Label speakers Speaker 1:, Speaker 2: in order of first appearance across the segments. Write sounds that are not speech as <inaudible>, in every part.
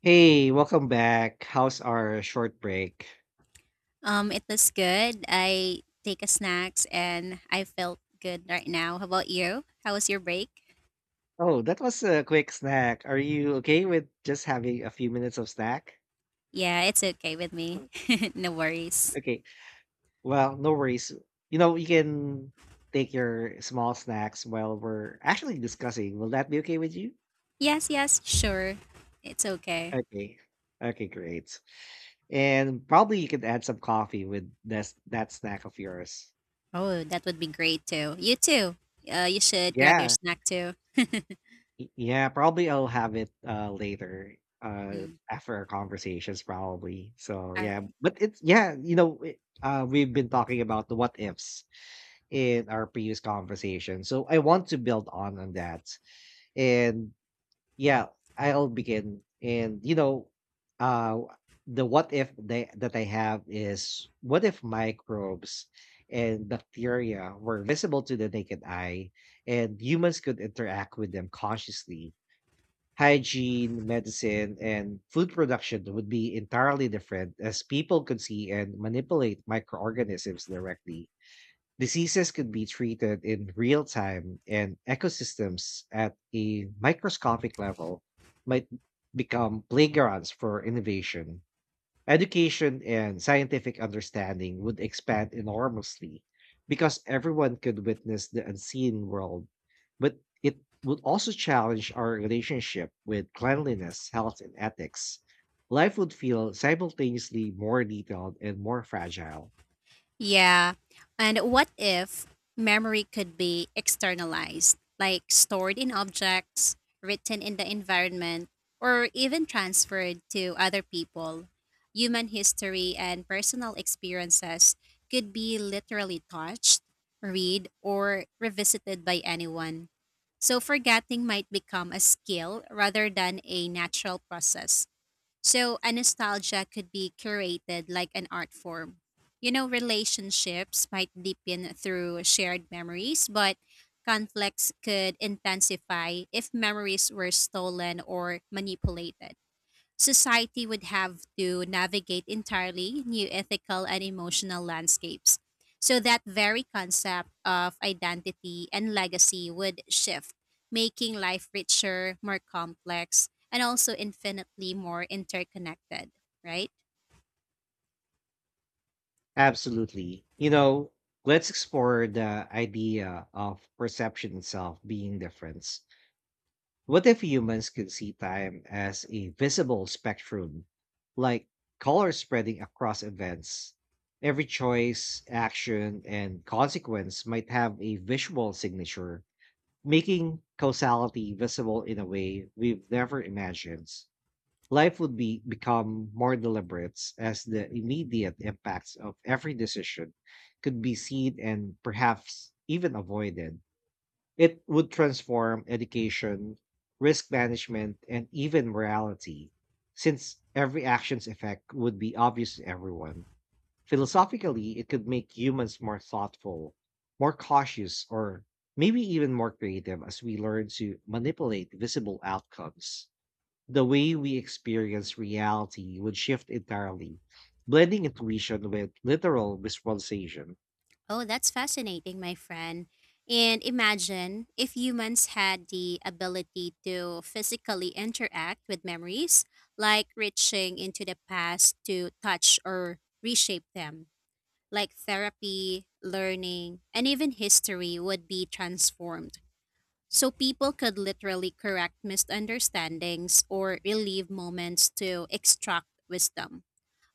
Speaker 1: Hey, welcome back. How's our short break?
Speaker 2: It was good. I take a snacks and I felt good right now. How about you? How was your break?
Speaker 1: Oh, that was a quick snack. Are you okay with just having a few minutes of snack?
Speaker 2: Yeah, it's okay with me.
Speaker 1: Mm.
Speaker 2: <laughs> No worries.
Speaker 1: Okay. Well, no worries. You can take your small snacks while we're actually discussing. Will that be okay with you?
Speaker 2: Yes, yes, sure. It's okay.
Speaker 1: Okay. Okay, great. And probably you could add some coffee with this that snack of yours.
Speaker 2: Oh, that would be great too. You too. You should grab your
Speaker 1: Yeah,
Speaker 2: snack too.
Speaker 1: yeah, probably I'll have it, later,
Speaker 2: Mm.
Speaker 1: after our conversations probably. So,
Speaker 2: All
Speaker 1: yeah,
Speaker 2: right.
Speaker 1: but it's yeah, you know, it, we've been talking about the what ifs in our previous conversation. So, I want to build on that. And yeah, I'll begin and you know, uh the what if they, that I have is what if microbes and bacteria were visible to the naked eye and humans could interact with them consciously? Hygiene, medicine, and food production would be entirely different, as people could see and manipulate microorganisms directly. Diseases could be treated in real time, and ecosystems at a microscopic level might become playgrounds for innovation. Education and scientific understanding would expand enormously because everyone could witness the unseen world, but it would also challenge our relationship with cleanliness, health, and ethics. Life would feel simultaneously more detailed and more fragile.
Speaker 2: Yeah. And what if memory could be externalized, like stored in objects, written in the environment, or even transferred to other people? Human history and personal experiences could be literally touched, read, or revisited by anyone. So forgetting might become a skill rather than a natural process. So a nostalgia could be curated like an art form. You know, relationships might deepen through shared memories, but conflicts could intensify if memories were stolen or manipulated. Society would have to navigate entirely new ethical and emotional landscapes. So, that very concept of identity and legacy would shift, making life richer, more complex, and also infinitely more interconnected, right?
Speaker 1: Absolutely. You know, let's explore the idea of perception itself being different. What if humans could see time as a visible spectrum, like colors spreading across events? Every choice, action, and consequence might have a visual signature, making causality visible in a way we've never imagined. Life would be become more deliberate, as the immediate impacts of every decision could be seen and perhaps even avoided. It would transform education, risk management, and even morality, since every action's effect would be obvious to everyone. Philosophically, it could make humans more thoughtful, more cautious, or maybe even more creative as we learn to manipulate visible outcomes. The way we experience reality would shift entirely, blending intuition with literal visualization.
Speaker 2: Oh, that's fascinating, my friend. And imagine if humans had the ability to physically interact with memories, like reaching into the past to touch or reshape them, like therapy, learning, and even history would be transformed. So people could literally correct misunderstandings or relieve moments to extract wisdom,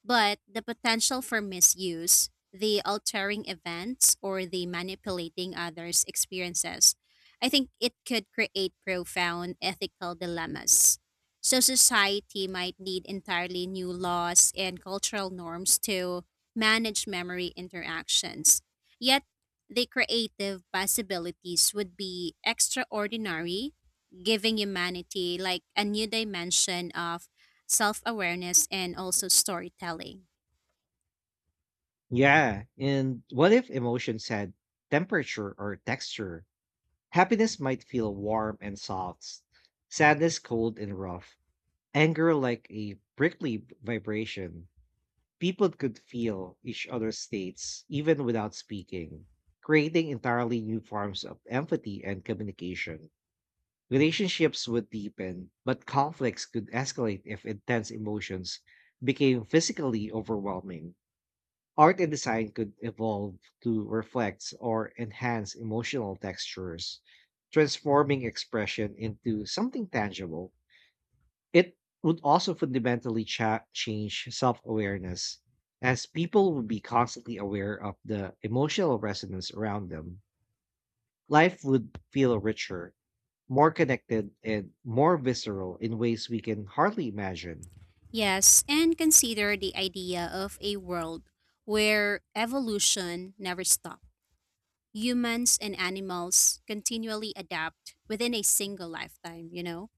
Speaker 2: but the potential for misuse, the altering events, or the manipulating others' experiences, I think it could create profound ethical dilemmas. So, society might need entirely new laws and cultural norms to manage memory interactions. Yet, the creative possibilities would be extraordinary, giving humanity like a new dimension of self awareness, and also storytelling.
Speaker 1: Yeah. And what if emotions had temperature or texture? Happiness might feel warm and soft, sadness cold and rough, anger like a prickly vibration. People could feel each other's states even without speaking, creating entirely new forms of empathy and communication. Relationships would deepen, but conflicts could escalate if intense emotions became physically overwhelming. Art and design could evolve to reflect or enhance emotional textures, transforming expression into something tangible. It would also fundamentally change self awareness, as people would be constantly aware of the emotional resonance around them. Life would feel richer, more connected, and more visceral in ways we can hardly imagine.
Speaker 2: Yes, and consider the idea of a world where evolution never stops. Humans and animals continually adapt within a single lifetime, you know?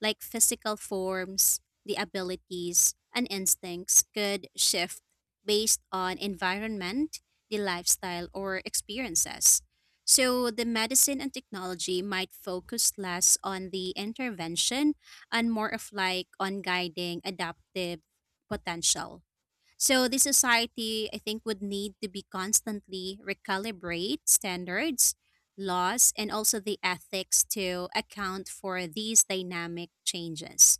Speaker 2: Like physical forms, the abilities, and instincts could shift based on environment, the lifestyle, or experiences. So, the medicine and technology might focus less on the intervention and more of like on guiding adaptive potential. So the society, I think, would need to be constantly recalibrate standards, laws, and also the ethics to account for these dynamic changes.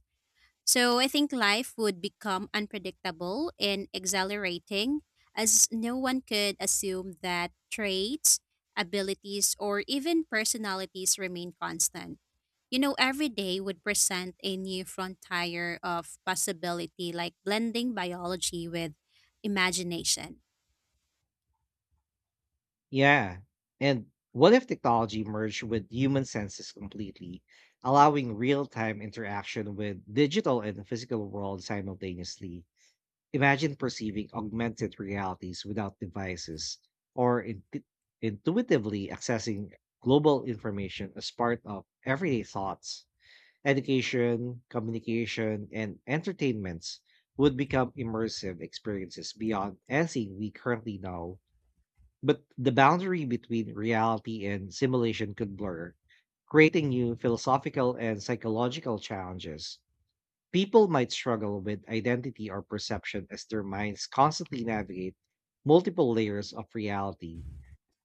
Speaker 2: So I think life would become unpredictable and exhilarating as no one could assume that traits, abilities, or even personalities remain constant. You know, every day would present a new frontier of possibility, like blending biology with imagination.
Speaker 1: Yeah. And what if technology merged with human senses completely, allowing real-time interaction with digital and physical world simultaneously? Imagine perceiving augmented realities without devices or intuitively accessing global information as part of everyday thoughts. Education, communication, and entertainments would become immersive experiences beyond anything we currently know. But the boundary between reality and simulation could blur, creating new philosophical and psychological challenges. People might struggle with identity or perception as their minds constantly navigate multiple layers of reality.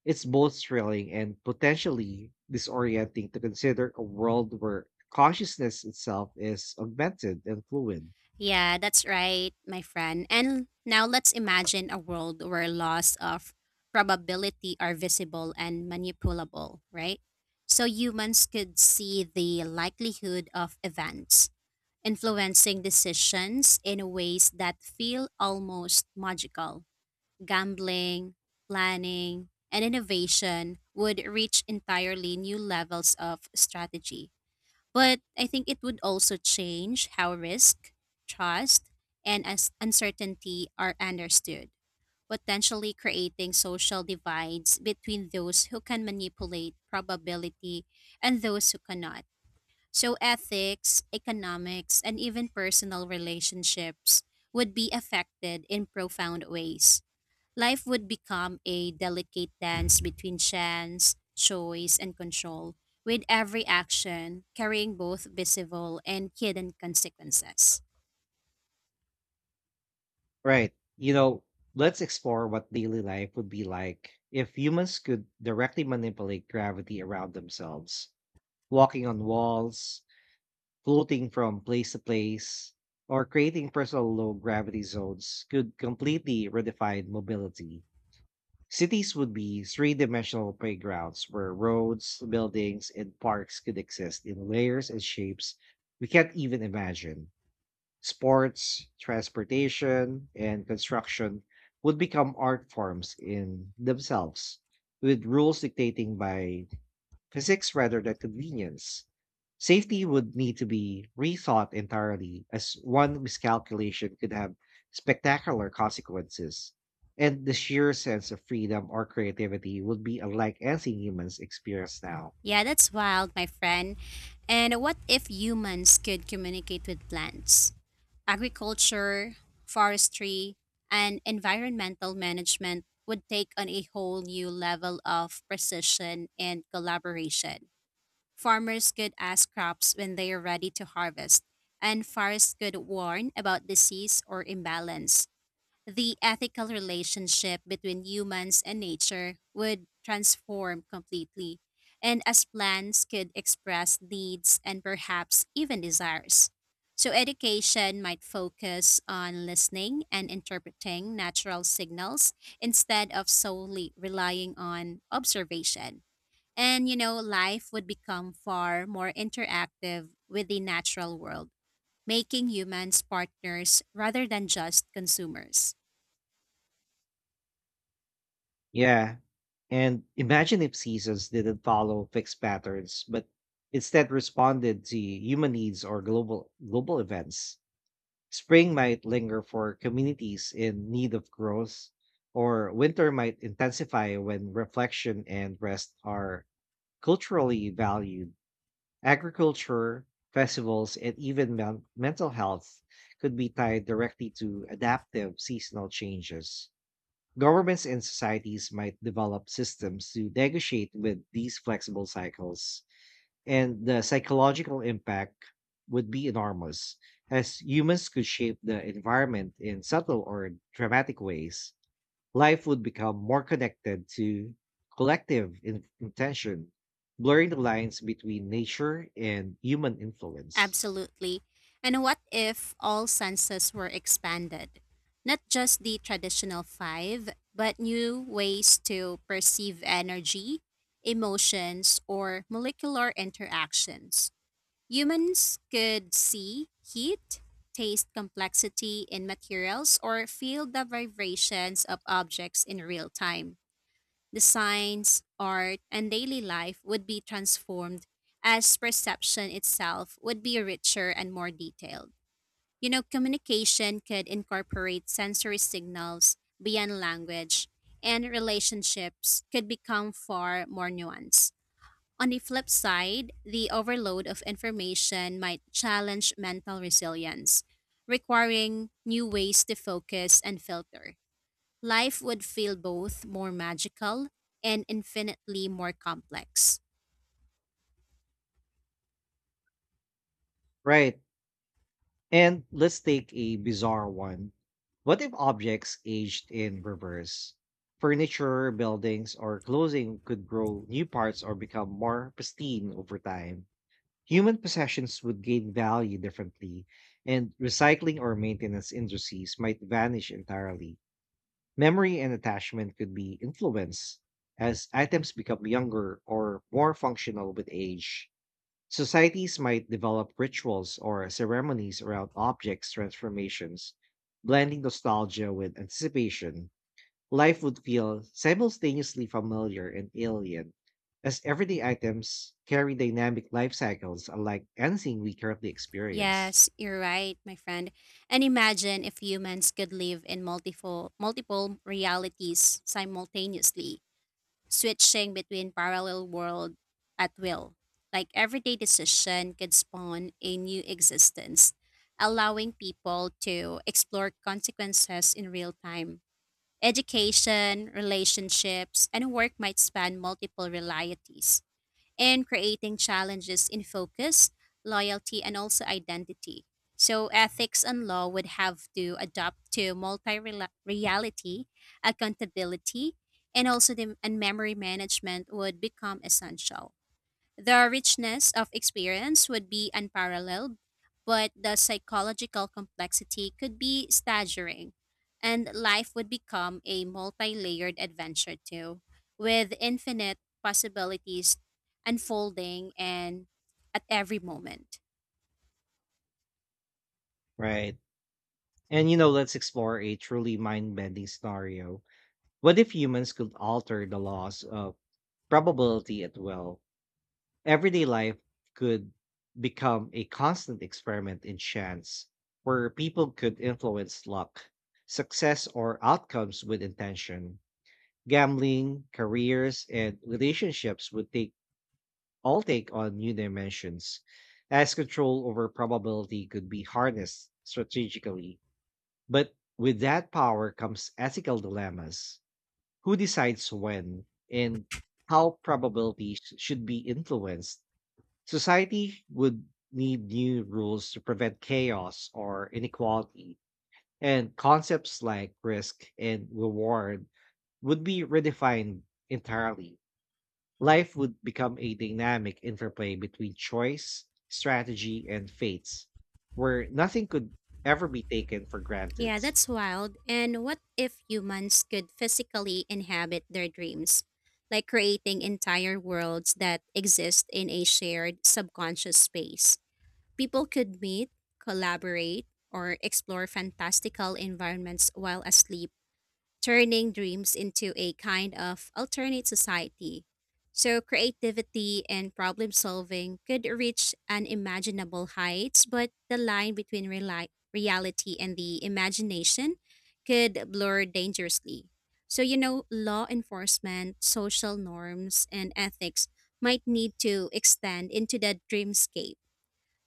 Speaker 1: It's both thrilling and potentially disorienting to consider a world where consciousness itself is augmented and fluid.
Speaker 2: Yeah, that's right, my friend. And now let's imagine a world where laws of probability are visible and manipulable, right? So humans could see the likelihood of events, influencing decisions in ways that feel almost magical. Gambling, planning, and innovation would reach entirely new levels of strategy. But I think it would also change how risk, trust, and as uncertainty are understood, potentially creating social divides between those who can manipulate probability and those who cannot. So, ethics, economics, and even personal relationships would be affected in profound ways. Life would become a delicate dance between chance, choice, and control, with every action carrying both visible and hidden consequences.
Speaker 1: Right. You know, let's explore what daily life would be like if humans could directly manipulate gravity around themselves. Walking on walls, floating from place to place, or creating personal low gravity zones could completely redefine mobility. Cities would be three dimensional playgrounds where roads, buildings, and parks could exist in layers and shapes we can't even imagine. Sports, transportation, and construction would become art forms in themselves, with rules dictating by physics rather than convenience. Safety would need to be rethought entirely, as one miscalculation could have spectacular consequences. And the sheer sense of freedom or creativity would be unlike anything humans experience now.
Speaker 2: Yeah, that's wild, my friend. And what if humans could communicate with plants? Agriculture, forestry, and environmental management would take on a whole new level of precision and collaboration. Farmers could ask crops when they are ready to harvest, and forests could warn about disease or imbalance. The ethical relationship between humans and nature would transform completely, and as plants could express needs and perhaps even desires. So, education might focus on listening and interpreting natural signals instead of solely relying on observation. And, you know, life would become far more interactive with the natural world, making humans partners rather than just consumers.
Speaker 1: Yeah. And imagine if seasons didn't follow fixed patterns, but instead responded to human needs or global events. Spring might linger for communities in need of growth, or winter might intensify when reflection and rest are culturally valued. Agriculture, festivals, and even mental health could be tied directly to adaptive seasonal changes. Governments and societies might develop systems to negotiate with these flexible cycles, and the psychological impact would be enormous, as humans could shape the environment in subtle or dramatic ways. Life would become more connected to collective intention, blurring the lines between nature and human influence.
Speaker 2: Absolutely. And what if all senses were expanded? Not just the traditional five, but new ways to perceive energy, emotions, or molecular interactions. Humans could see heat, taste complexity in materials, or feel the vibrations of objects in real time. The science, art, and daily life would be transformed as perception itself would be richer and more detailed. You know, communication could incorporate sensory signals beyond language, and relationships could become far more nuanced. On the flip side, the overload of information might challenge mental resilience, requiring new ways to focus and filter. Life would feel both more magical and infinitely more complex.
Speaker 1: Right. And let's take a bizarre one. What if objects aged in reverse? Furniture, buildings, or clothing could grow new parts or become more pristine over time. Human possessions would gain value differently, and recycling or maintenance industries might vanish entirely. Memory and attachment could be influenced as items become younger or more functional with age. Societies might develop rituals or ceremonies around objects' transformations, blending nostalgia with anticipation. Life would feel simultaneously familiar and alien, as everyday items carry dynamic life cycles unlike anything we currently experience.
Speaker 2: Yes, you're right, my friend. And imagine if humans could live in multiple realities simultaneously, switching between parallel world at will. Like everyday decision could spawn a new existence, allowing people to explore consequences in real time. Education, relationships, and work might span multiple realities and creating challenges in focus, loyalty, and also identity. So, ethics and law would have to adapt to multi reality, accountability, and also the, and memory management would become essential. The richness of experience would be unparalleled, but the psychological complexity could be staggering, and life would become a multi layered adventure too, with infinite possibilities unfolding and at every moment.
Speaker 1: Right. And you know, let's explore a truly mind bending scenario. What if humans could alter the laws of probability at will? Everyday life could become a constant experiment in chance, where people could influence luck, success, or outcomes with intention. Gambling, careers, and relationships would take all take on new dimensions, as control over probability could be harnessed strategically. But with that power comes ethical dilemmas. Who decides when and how probabilities should be influenced? Society would need new rules to prevent chaos or inequality, and concepts like risk and reward would be redefined entirely. Life would become a dynamic interplay between choice, strategy, and fates, where nothing could ever be taken for granted.
Speaker 2: Yeah, that's wild. And what if humans could physically inhabit their dreams, like creating entire worlds that exist in a shared subconscious space? People could meet, collaborate, or explore fantastical environments while asleep, turning dreams into a kind of alternate society. So, creativity and problem solving could reach unimaginable heights, but the line between reality and the imagination could blur dangerously. So, you know, law enforcement, social norms, and ethics might need to extend into the dreamscape,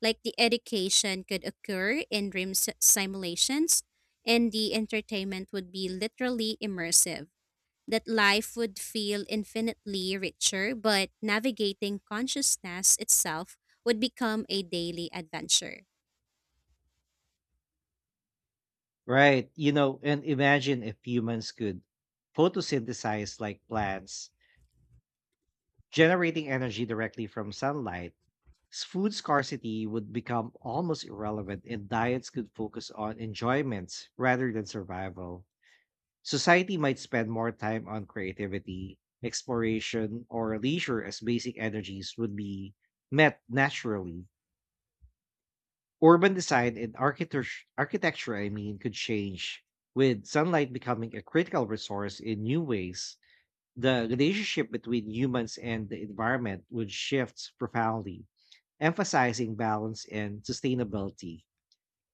Speaker 2: like the education could occur in simulations, and the entertainment would be literally immersive. That life would feel infinitely richer, but navigating consciousness itself would become a daily adventure.
Speaker 1: Right. You know, and imagine if humans could photosynthesize like plants, generating energy directly from sunlight. Food scarcity would become almost irrelevant, and diets could focus on enjoyments rather than survival. Society might spend more time on creativity, exploration, or leisure as basic energies would be met naturally. Urban design and architecture, I mean, could change with sunlight becoming a critical resource in new ways. The relationship between humans and the environment would shift profoundly, emphasizing balance and sustainability.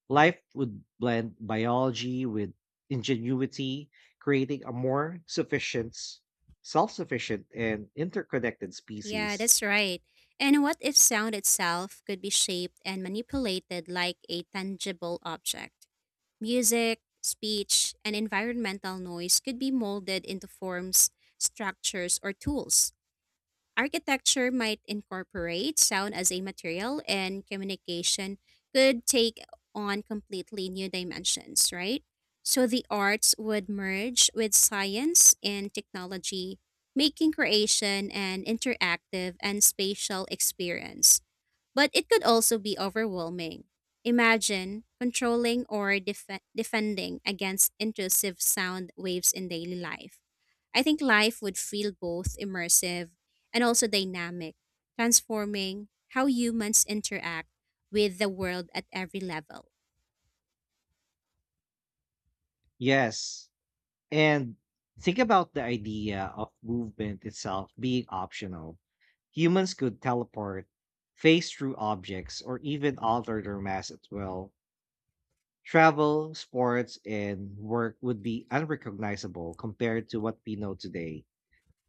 Speaker 1: Life would blend biology with ingenuity, creating a self sufficient, and interconnected
Speaker 2: Yeah,
Speaker 1: species.
Speaker 2: that's right. And what if sound itself could be shaped and manipulated like a tangible object? Music, speech, and environmental noise could be molded into forms, structures, or tools. Architecture might incorporate sound as a material, and communication could take on completely new dimensions, right? So the arts would merge with science and technology, making creation an interactive and spatial experience. But it could also be overwhelming. Imagine controlling or defending against intrusive sound waves in daily life. I think life would feel both immersive and also dynamic, transforming how humans interact with the world at every level.
Speaker 1: Yes. And think about the idea of movement itself being optional. Humans could teleport, phase through objects, or even alter their mass at will. Travel, sports, and work would be unrecognizable compared to what we know today.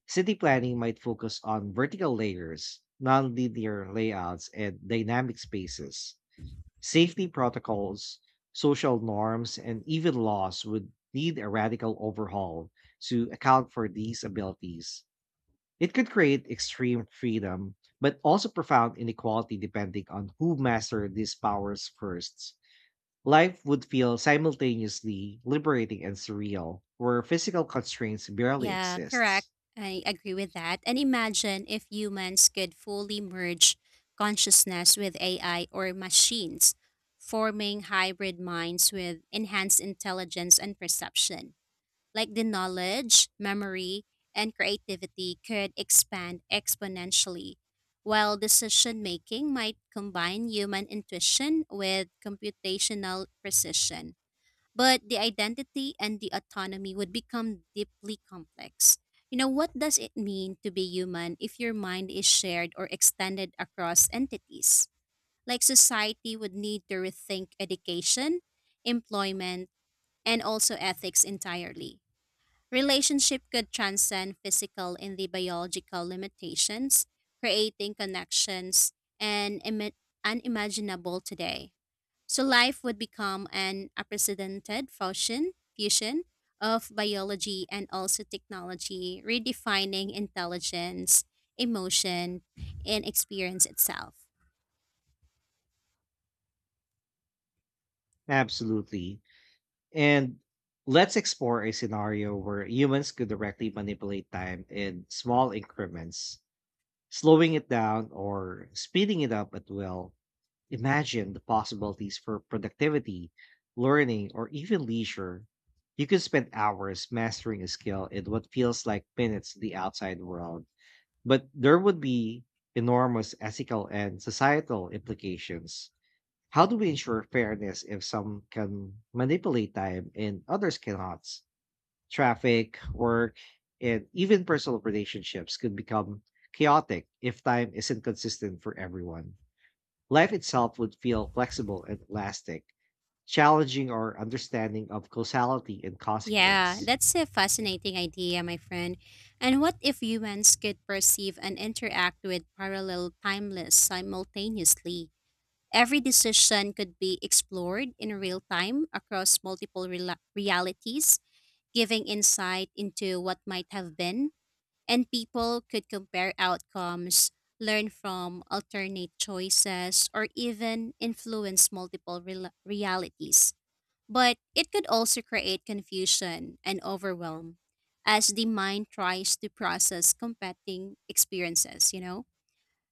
Speaker 1: City planning might focus on vertical layers, non-linear layouts, and dynamic spaces. Safety protocols, social norms, and even laws would need a radical overhaul to account for these abilities. It could create extreme freedom, but also profound inequality depending on who mastered these powers first. Life would feel simultaneously liberating and surreal, where physical constraints barely
Speaker 2: Yeah, correct.
Speaker 1: exist.
Speaker 2: I agree with that. And imagine if humans could fully merge consciousness with AI or machines, forming hybrid minds with enhanced intelligence and perception. Like the knowledge, memory, and creativity could expand exponentially, while decision making might combine human intuition with computational precision. But the identity and the autonomy would become deeply complex. You know, what does it mean to be human if your mind is shared or extended across entities? Like society would need to rethink education, employment, and also ethics entirely. Relationship could transcend physical and the biological limitations, creating connections and unimaginable today. So life would become an unprecedented fusion of biology and also technology, redefining intelligence, emotion, and experience itself.
Speaker 1: Absolutely. And let's explore a scenario where humans could directly manipulate time in small increments, slowing it down or speeding it up at will. Imagine the possibilities for productivity, learning, or even leisure. You could spend hours mastering a skill in what feels like minutes to the outside world. But there would be enormous ethical and societal implications. How do we ensure fairness if some can manipulate time and others cannot? Traffic, work, and even personal relationships could become chaotic if time isn't consistent for everyone. Life itself would feel flexible and elastic, challenging our understanding of causality and
Speaker 2: Yeah,
Speaker 1: consequence.
Speaker 2: that's a fascinating idea, my friend. And what if humans could perceive and interact with parallel timeless simultaneously? Every decision could be explored in real time across multiple rela realities, giving insight into what might have been, and people could compare outcomes, learn from alternate choices, or even influence multiple rela realities. But it could also create confusion and overwhelm as the mind tries to process competing experiences, you know?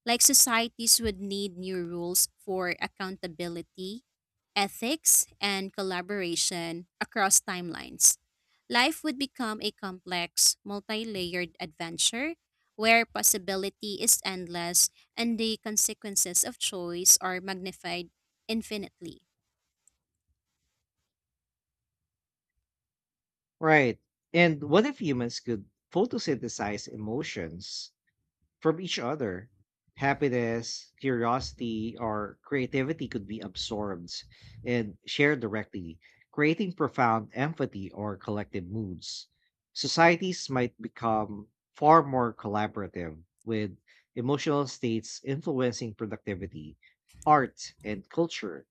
Speaker 2: Like societies would need new rules for accountability, ethics, and collaboration across timelines. Life would become a complex, multi layered adventure where possibility is endless and the consequences of choice are magnified infinitely.
Speaker 1: Right. And what if humans could photosynthesize emotions from each other? Happiness, curiosity, or creativity could be absorbed and shared directly, creating profound empathy or collective moods. Societies might become far more collaborative, with emotional states influencing productivity, art, and culture.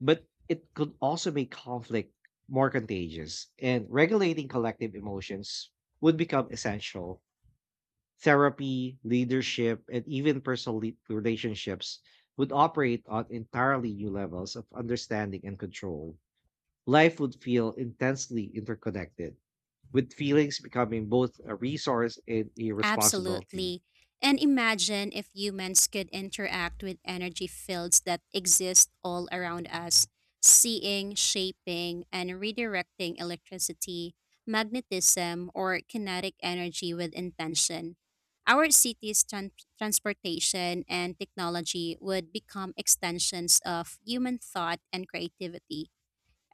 Speaker 1: But it could also make conflict more contagious, and regulating collective emotions would become essential. Therapy, leadership, and even personal relationships would operate on entirely new levels of understanding and control. Life would feel intensely interconnected, with feelings becoming both a resource and a responsibility.
Speaker 2: Absolutely. And imagine if humans could interact with energy fields that exist all around us, seeing, shaping, and redirecting electricity, magnetism, or kinetic energy with intention. Our transportation and technology would become extensions of human thought and creativity.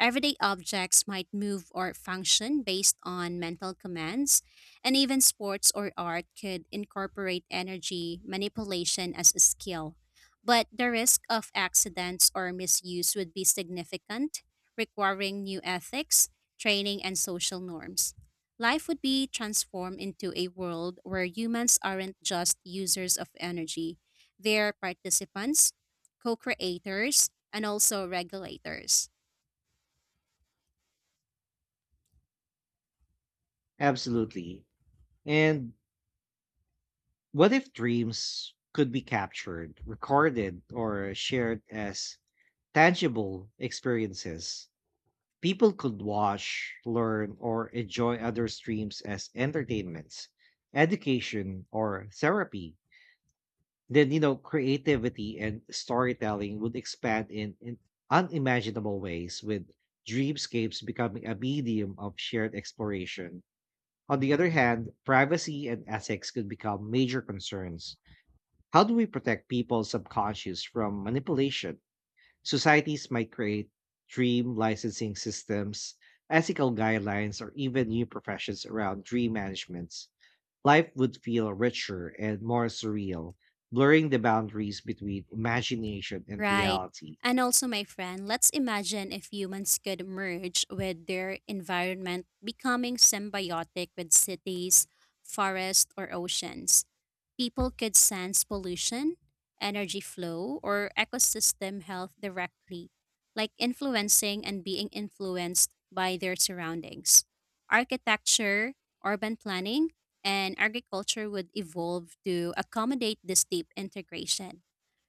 Speaker 2: Everyday objects might move or function based on mental commands, and even sports or art could incorporate energy manipulation as a skill. But the risk of accidents or misuse would be significant, requiring new ethics, training, and social norms. Life would be transformed into a world where humans aren't just users of energy, they're participants, co creators, and also regulators.
Speaker 1: Absolutely. And what if dreams could be captured, recorded, or shared as tangible experiences? People could watch, learn, or enjoy other streams as entertainments, education, or therapy. Then, you know, creativity and storytelling would expand in, unimaginable ways, with dreamscapes becoming a medium of shared exploration. On the other hand, privacy and ethics could become major concerns. How do we protect people's subconscious from manipulation? Societies might create dream licensing systems, ethical guidelines, or even new professions around dream management. Life would feel richer and more surreal, blurring the boundaries between imagination and
Speaker 2: Right.
Speaker 1: reality.
Speaker 2: And also, my friend, let's imagine if humans could merge with their environment, becoming symbiotic with cities, forests, or oceans. People could sense pollution, energy flow, or ecosystem health directly, like influencing and being influenced by their surroundings. Architecture, urban planning, and agriculture would evolve to accommodate this deep integration.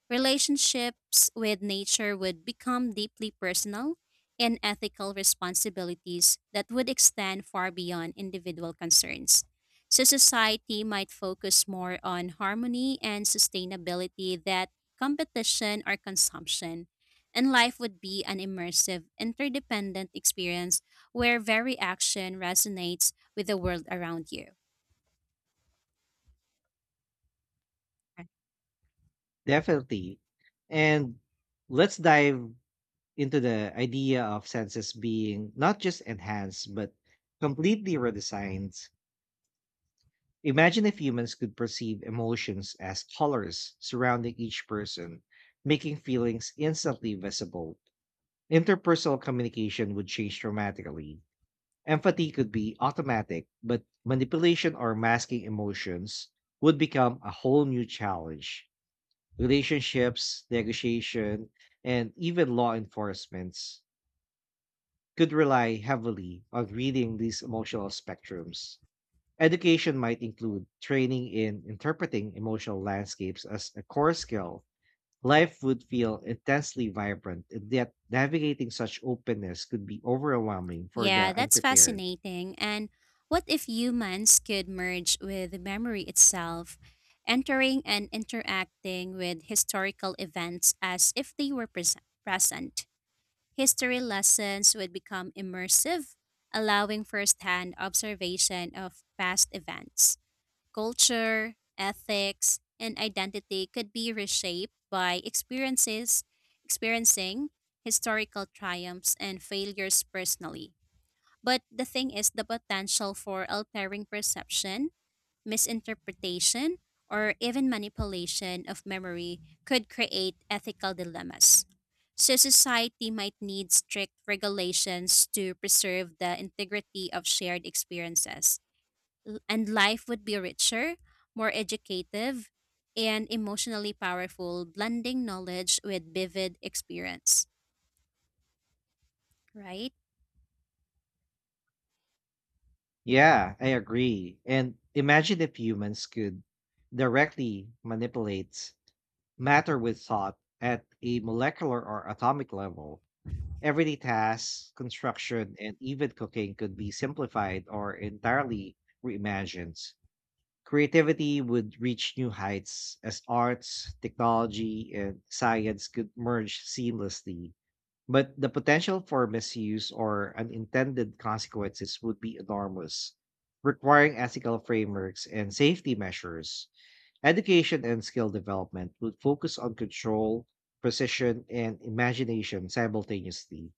Speaker 2: Relationships with nature would become deeply personal and ethical responsibilities that would extend far beyond individual concerns. So, society might focus more on harmony and sustainability than competition or consumption. And life would be an immersive, interdependent experience where every action resonates with the world around you.
Speaker 1: Definitely. And let's dive into the idea of senses being not just enhanced, but completely redesigned. Imagine if humans could perceive emotions as colors surrounding each person, making feelings instantly visible. Interpersonal communication would change dramatically. Empathy could be automatic, but manipulation or masking emotions would become a whole new challenge. Relationships, negotiation, and even law enforcements could rely heavily on reading these emotional spectrums. Education might include training in interpreting emotional landscapes as a core skill. Life would feel intensely vibrant, and yet navigating such openness could be overwhelming for
Speaker 2: Yeah,
Speaker 1: the
Speaker 2: that's
Speaker 1: unprepared.
Speaker 2: fascinating. And what if humans could merge with memory itself, entering and interacting with historical events as if they were present? History lessons would become immersive, allowing firsthand observation of past events. Culture, ethics, and identity could be reshaped by experiences, experiencing historical triumphs and failures personally. But the thing is, the potential for altering perception, misinterpretation, or even manipulation of memory could create ethical dilemmas. So, society might need strict regulations to preserve the integrity of shared experiences. And life would be richer, more educative, and emotionally powerful, blending knowledge with vivid experience, right?
Speaker 1: Yeah, I agree. And imagine if humans could directly manipulate matter with thought at a molecular or atomic level. Everyday tasks, construction, and even cooking could be simplified or entirely reimagined. Creativity would reach new heights as arts, technology, and science could merge seamlessly. But the potential for misuse or unintended consequences would be enormous, requiring ethical frameworks and safety measures. Education and skill development would focus on control, precision, and imagination simultaneously.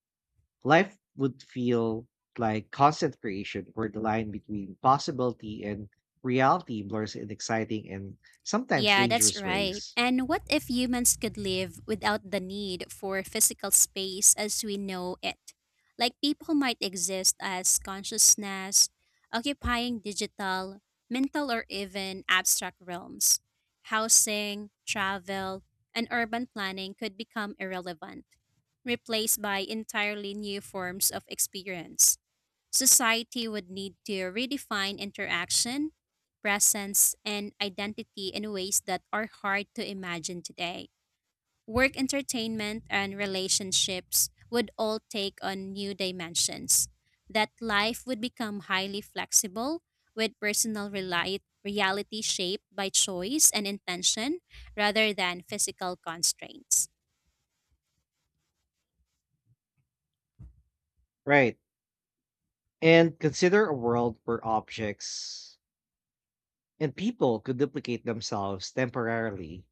Speaker 1: Life would feel like constant creation, where the line between possibility and reality blurs in exciting and sometimes
Speaker 2: Yeah, that's
Speaker 1: dangerous
Speaker 2: right.
Speaker 1: ways.
Speaker 2: And what if humans could live without the need for physical space as we know it? Like people might exist as consciousness, occupying digital, mental, or even abstract realms. Housing, travel, and urban planning could become irrelevant, replaced by entirely new forms of experience. Society would need to redefine interaction, presence, and identity in ways that are hard to imagine today. Work entertainment and relationships would all take on new dimensions. That life would become highly flexible, with personal reality shaped by choice and intention rather than physical constraints.
Speaker 1: Right. And consider a world where objects and people could duplicate themselves temporarily.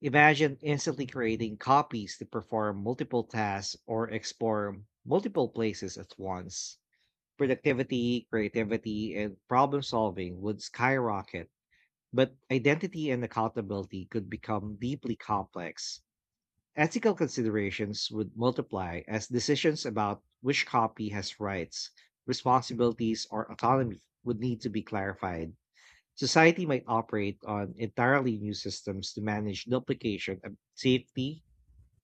Speaker 1: Imagine instantly creating copies to perform multiple tasks or explore multiple places at once. Productivity, creativity, and problem solving would skyrocket. But identity and accountability could become deeply complex. Ethical considerations would multiply as decisions about which copy has rights, responsibilities, or autonomy would need to be clarified. Society might operate on entirely new systems to manage duplication of safety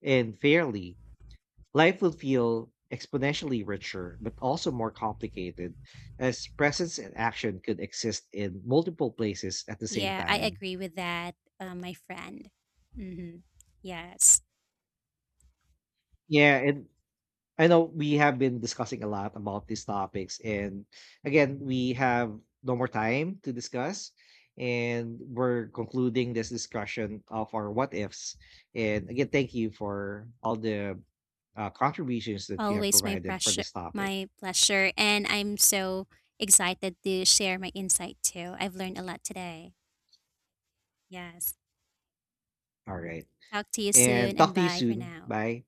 Speaker 1: and fairly. Life would feel exponentially richer, but also more complicated, as presence and action could exist in multiple places at the same
Speaker 2: Yeah, I
Speaker 1: time.
Speaker 2: agree with that, my friend. Mm-hmm. Yes.
Speaker 1: Yeah, and I know we have been discussing a lot about these topics, and again, we have no more time to discuss, and we're concluding this discussion of our what ifs. And again, thank you for all the contributions that you have
Speaker 2: Always my
Speaker 1: provided for
Speaker 2: pressure,
Speaker 1: this topic.
Speaker 2: my pleasure, and I'm so excited to share my insight too. I've learned a lot today. Yes.
Speaker 1: All right,
Speaker 2: Talk to you
Speaker 1: and
Speaker 2: soon and
Speaker 1: talk to you
Speaker 2: bye for
Speaker 1: soon.
Speaker 2: now.
Speaker 1: Bye.